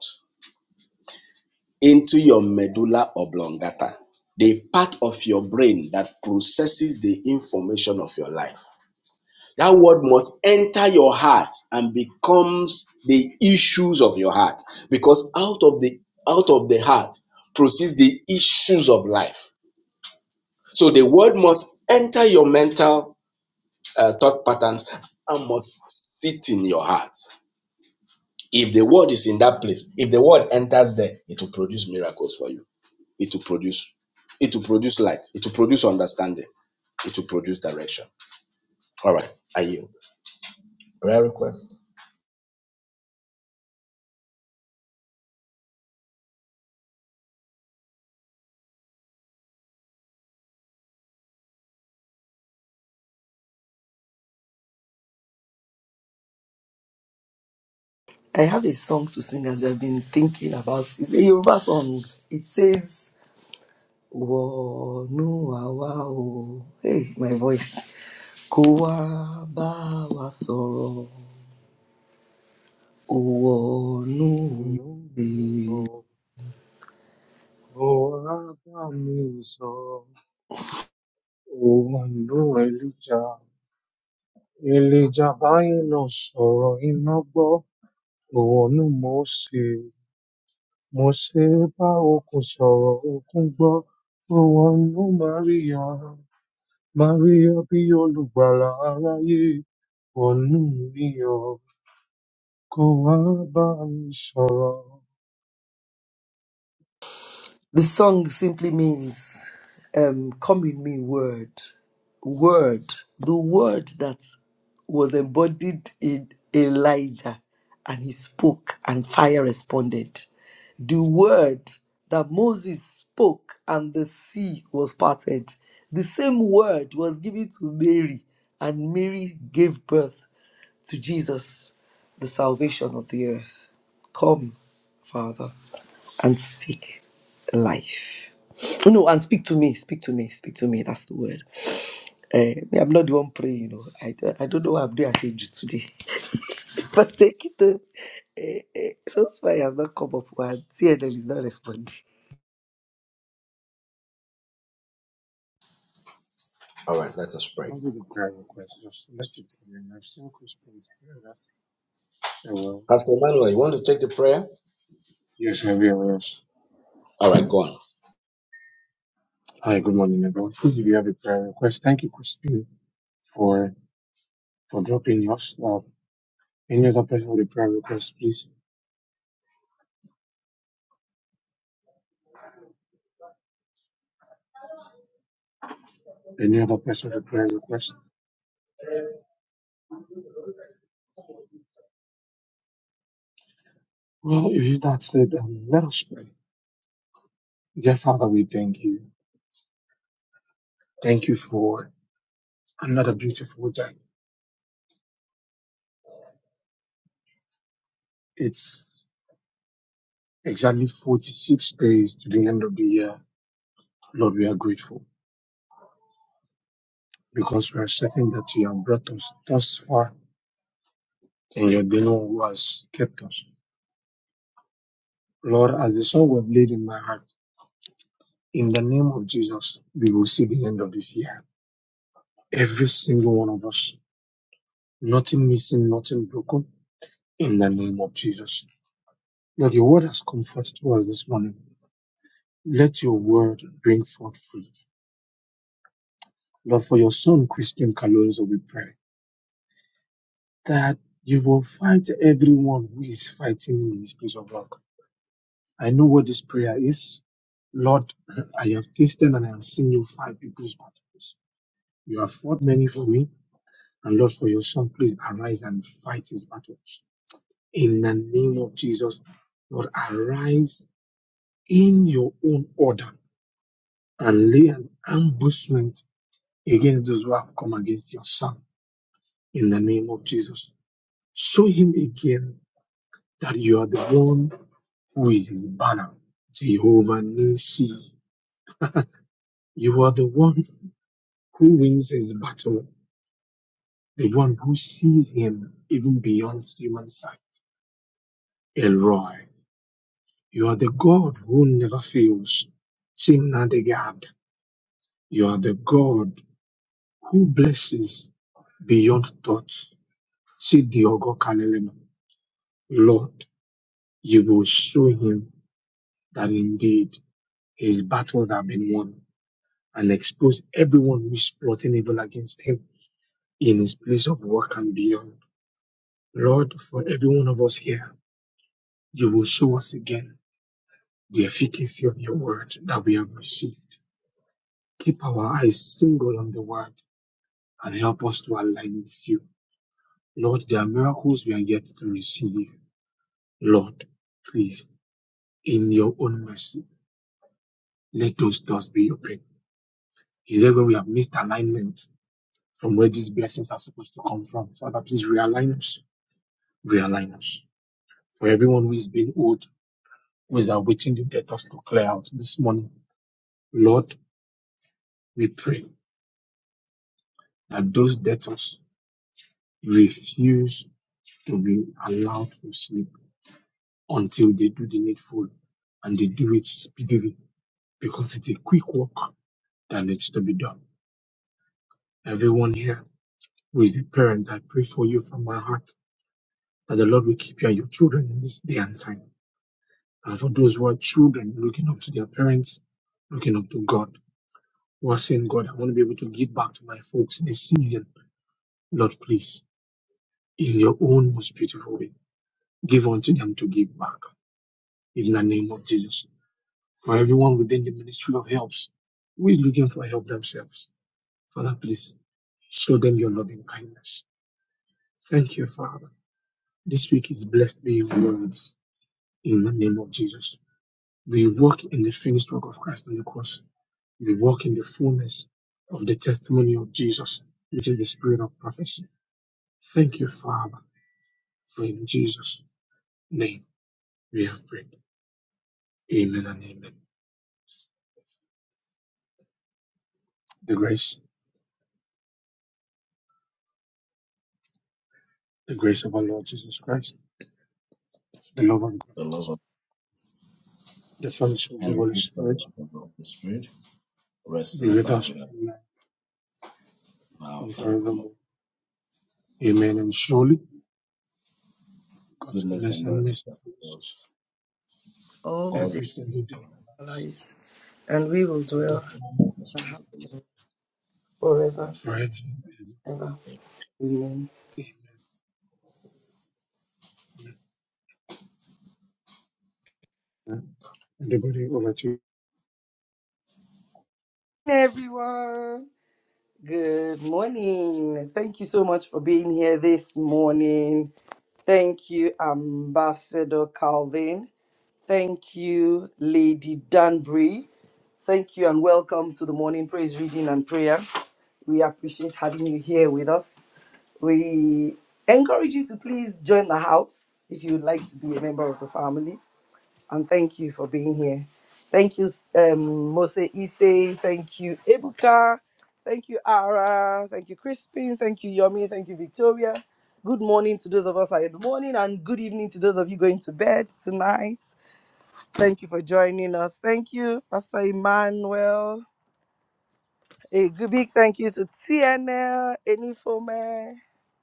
Speaker 3: into your medulla oblongata, the part of your brain that processes the information of your life. That word must enter your heart and becomes the issues of your heart because out of the out of the heart proceeds the issues of life. So the word must enter your mental uh, thought patterns and must sit in your heart. If the word is in that place, if the word enters there, it will produce miracles for you. It will produce it will produce light, it will produce understanding, it will produce direction. All right, I yield. Prayer request.
Speaker 1: I have a song to sing as I've been thinking about. It's a Yoruba song. It says, wọnú àwa hey my voice kó wá bá wa sọ̀rọ̀ ó
Speaker 5: Olórin ọ̀pọ̀ alábàámi sọ. Òòlù Èlíjà Elijah, báyìí náà sọ̀rọ̀ iná gbọ́, òòrùn Mósè. Mósè bá òkun sọ̀rọ̀, òkun gbọ́, òòrùn Máríà. Máríà bí olùgbàlà aráyé, òòrùn míyọ̀, kò wá bá mi sọ̀rọ̀.
Speaker 1: The song simply means, um, Come in me, word. Word. The word that was embodied in Elijah, and he spoke, and fire responded. The word that Moses spoke, and the sea was parted. The same word was given to Mary, and Mary gave birth to Jesus, the salvation of the earth. Come, Father and speak life. No, and speak to me, speak to me, speak to me. That's the word. Uh, me, I'm not the one praying, you know. I, don't- I don't know what I'm doing. I today. But take it to uh, uh, so far has not come up and CNL is not responding.
Speaker 3: All right, let us pray.
Speaker 5: I'll the prayer request just let it be. I've seen Christians here. So, uh,
Speaker 3: Pastor Emmanuel, you want to take the prayer?
Speaker 5: yes, maybe I realize.
Speaker 3: All right, go on.
Speaker 5: Hi, good morning, everyone. Please, if you have a prayer request, thank you, Christine. for for dropping us off. Uh, Any other person with a prayer request, please? Any other person with a prayer request? Well, if you that's it, um, let us pray. Dear Father, we thank you. Thank you for another beautiful day. It's exactly 46 days to the end of the year. Lord, we are grateful because we are certain that you have brought us thus far and you're the one who has kept us. Lord, as the song was laid in my heart, in the name of Jesus, we will see the end of this year every single one of us. Nothing missing, nothing broken in the name of Jesus. Lord, your word has comforted us this morning. Let your word bring forth fruit. Lord, for your son, Christian Kalonzo, we pray that you will fight everyone who is fighting in this piece of rock. I know what this prayer is. Lord, I have tasted and I have seen you fight people's battles. You have fought many for me. And Lord, for your son, please arise and fight his battles. in the name of Jesus. Lord, arise in your own order and lay an ambushment against those who have come against your son in the name of Jesus. Show him again that you are the one who is his banner, Jehovah Nissi. You are the one who wins his battle, the one who sees him even beyond human sight, Elroy. You are the God who never fails, Chimnadegab. You are the God who blesses beyond thoughts. See the Ogokalelema. Lord, you will show him that indeed his battles have been won and expose everyone who is plotting evil against him in his place of work and beyond. Lord, for every one of us here, you will show us again the efficacy of your word that we have received. Keep our eyes single on the word and help us to align with you. Lord, there are miracles we are yet to receive. Lord, please, in your own mercy, let those doors be open. Is there where we have missed alignment from where these blessings are supposed to come from? Father, please realign us. Realign us. For everyone who is being owed, who is awaiting the debtors to clear out this morning, Lord, we pray that those debtors refuse to be allowed to sleep until they do the needful and they do it speedily because it's a quick work that needs to be done. Everyone here with a parent? I pray for you from my heart that the Lord will keep you and your children in this day and time. And for those who are children looking up to their parents, looking up to God, who are saying, God, I want to be able to give back to my folks in this season. Lord, please, in your own most beautiful way, give unto them to give back in the name of Jesus. For everyone within the ministry of helps, who is looking for help themselves, Father, please show them your loving kindness. Thank you, Father. This week is blessed beyond words. in the name of Jesus. We walk in the finished work of Christ on the cross. We walk in the fullness of the testimony of Jesus, which is the spirit of prophecy. Thank you, Father, for in Jesus' name we have prayed. Amen and amen. The grace, the grace of our Lord Jesus Christ, the love of God,
Speaker 3: The love of
Speaker 5: the fellowship of the
Speaker 3: and the
Speaker 5: Holy
Speaker 3: sweet
Speaker 5: Spirit
Speaker 3: fellowship of the Holy Spirit rest
Speaker 5: be
Speaker 3: and
Speaker 5: with
Speaker 3: abide
Speaker 5: us
Speaker 3: with us
Speaker 5: now
Speaker 3: now and
Speaker 5: and
Speaker 3: forevermore.
Speaker 5: forevermore. Amen. And surely God's
Speaker 3: Goodness
Speaker 5: goodness
Speaker 3: and
Speaker 5: and
Speaker 3: mercy
Speaker 5: mercy
Speaker 3: shall follow
Speaker 5: follows us
Speaker 3: us
Speaker 1: all the
Speaker 3: all
Speaker 1: days
Speaker 5: every
Speaker 3: the days of
Speaker 5: single day
Speaker 3: our
Speaker 5: of our
Speaker 3: life.
Speaker 1: of our
Speaker 5: lives.
Speaker 1: lives, and we will
Speaker 5: And we
Speaker 1: dwell
Speaker 5: dwell in
Speaker 3: and the
Speaker 5: God's
Speaker 1: in the
Speaker 3: house
Speaker 1: house
Speaker 3: of the
Speaker 1: of
Speaker 5: presence
Speaker 1: the
Speaker 3: Lord
Speaker 1: Lord forever,
Speaker 3: forever.
Speaker 5: Sorry.
Speaker 1: ever. Amen.
Speaker 5: Anybody over to you.
Speaker 1: Everyone, good morning. Thank you so much for being here this morning. Thank you, Ambassador Calvin. Thank you, Lady Danbury. Thank you and welcome to the morning praise reading and prayer. We appreciate having you here with us. We encourage you to please join the house if you would like to be a member of the family and thank you for being here. Thank you, um, Mose Ise. Thank you, Ebuka. Thank you, Ara. Thank you, Crispin. Thank you, Yomi. Thank you, Victoria. Good morning to those of us here in the morning, and good evening to those of you going to bed tonight. Thank you for joining us. Thank you, Pastor Emmanuel. A good big thank you to TNL, Enifome,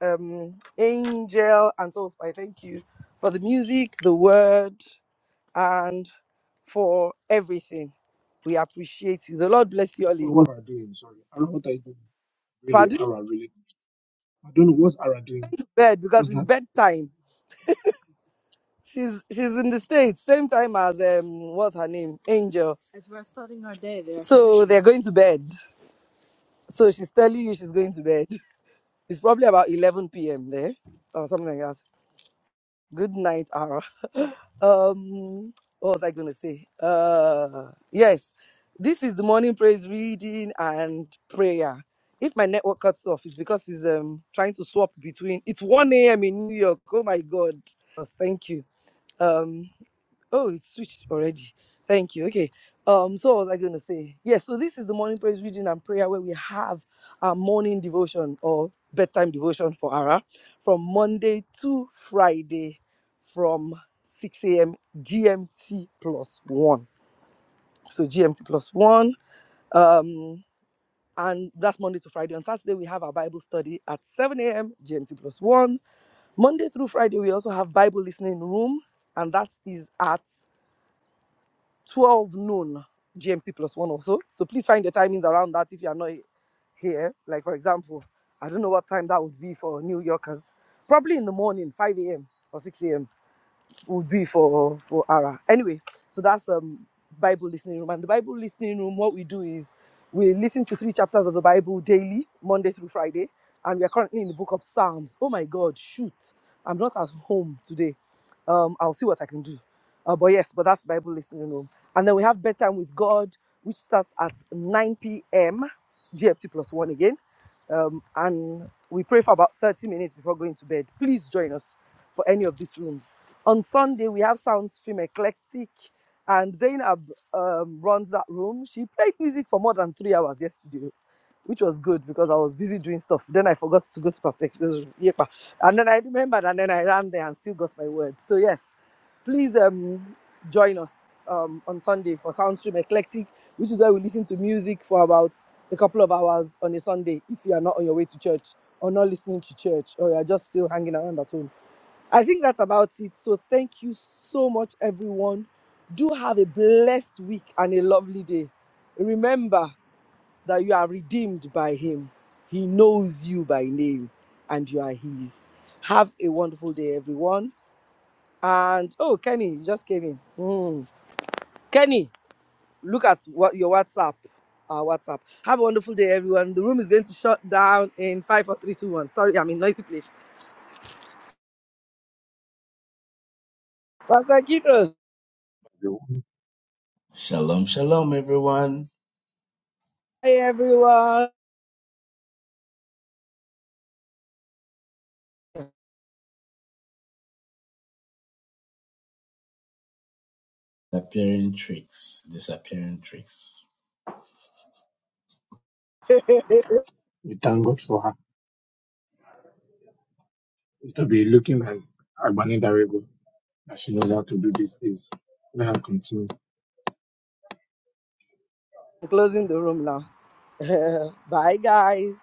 Speaker 1: um, Angel, and Soulspy. Thank you for the music, the word and for everything. We appreciate you. The Lord bless you all. in-
Speaker 5: What are doing? Sorry. I don't know what is doing. Really,
Speaker 1: Pardon
Speaker 5: Ara, really. I don't know what's Ara doing.
Speaker 1: to bed
Speaker 5: What's
Speaker 1: because it's
Speaker 5: that?
Speaker 1: bedtime. She's she's in the States, same time as um what's her name? Angel. As we're starting our day, they're So finishing. they're going to bed. So she's telling you she's going to bed. It's probably about eleven PM there or something like that. Good night, Ara. um, what was I going to say? Uh, yes, this is the morning praise reading and prayer. If my network cuts off, it's because it's um trying to swap between. It's one a.m. in New York. Oh my God! Yes, Thank you. Um, Oh, it's switched already. Thank you. Okay. Um, so what was I going to say? Yes, so this is the morning praise reading and prayer where we have our morning devotion or bedtime devotion for Ara from Monday to Friday from 6 a.m. GMT plus one. So GMT plus one. Um, and that's Monday to Friday. On Saturday, we have our Bible study at 7 a.m. GMT plus one. Monday through Friday, we also have Bible listening room, and that is at 12 noon GMT plus one or so. So please find the timings around that if you are not here. Like for example, I don't know what time that would be for New Yorkers. Probably in the morning, 5 a.m. or 6 a.m would be for for Ara. Anyway, so that's um Bible listening room. And the Bible listening room, what we do is we listen to three chapters of the Bible daily, Monday through Friday, and we are currently in the book of Psalms. Oh my God, shoot! I'm not at home today. Um, I'll see what I can do. Uh, but yes, but that's Bible listening room. And then we have bedtime with God, which starts at 9 p.m. GMT plus one again. Um, and we pray for about 30 minutes before going to bed. Please join us for any of these rooms on Sunday, we have Soundstream Eclectic, and Zainab um, runs that room. She played music for more than three hours yesterday, which was good because I was busy doing stuff. Then I forgot to go to Pastor Eke's room. Yepa. And then I remembered, and then I ran there and still got my word. So, yes, please um, join us um, on Sunday for Soundstream Eclectic, which is where we listen to music for about a couple of hours on a Sunday if you are not on your way to church or not listening to church or you are just still hanging around at home I think that's about it. So thank you so much, everyone. Do have a blessed week and a lovely day. Remember that you are redeemed by Him, He knows you by name, and you are His. Have a wonderful day, everyone. And oh, Kenny, you just came in. Mm. Kenny, look at what your WhatsApp. Our WhatsApp. Have a wonderful day, everyone. The room is going to shut down in five, four, three, two, one. Sorry, I'm in noisy place. Pastor Kito.
Speaker 5: The one
Speaker 3: Shalom, shalom, everyone.
Speaker 1: Hi, everyone.
Speaker 3: Appearing tricks, disappearing tricks.
Speaker 5: we thank God for her. It will be looking like Agbani Darebo. That she knows how to do these things. Let her continue.
Speaker 1: I'm closing the room now. Bye, guys.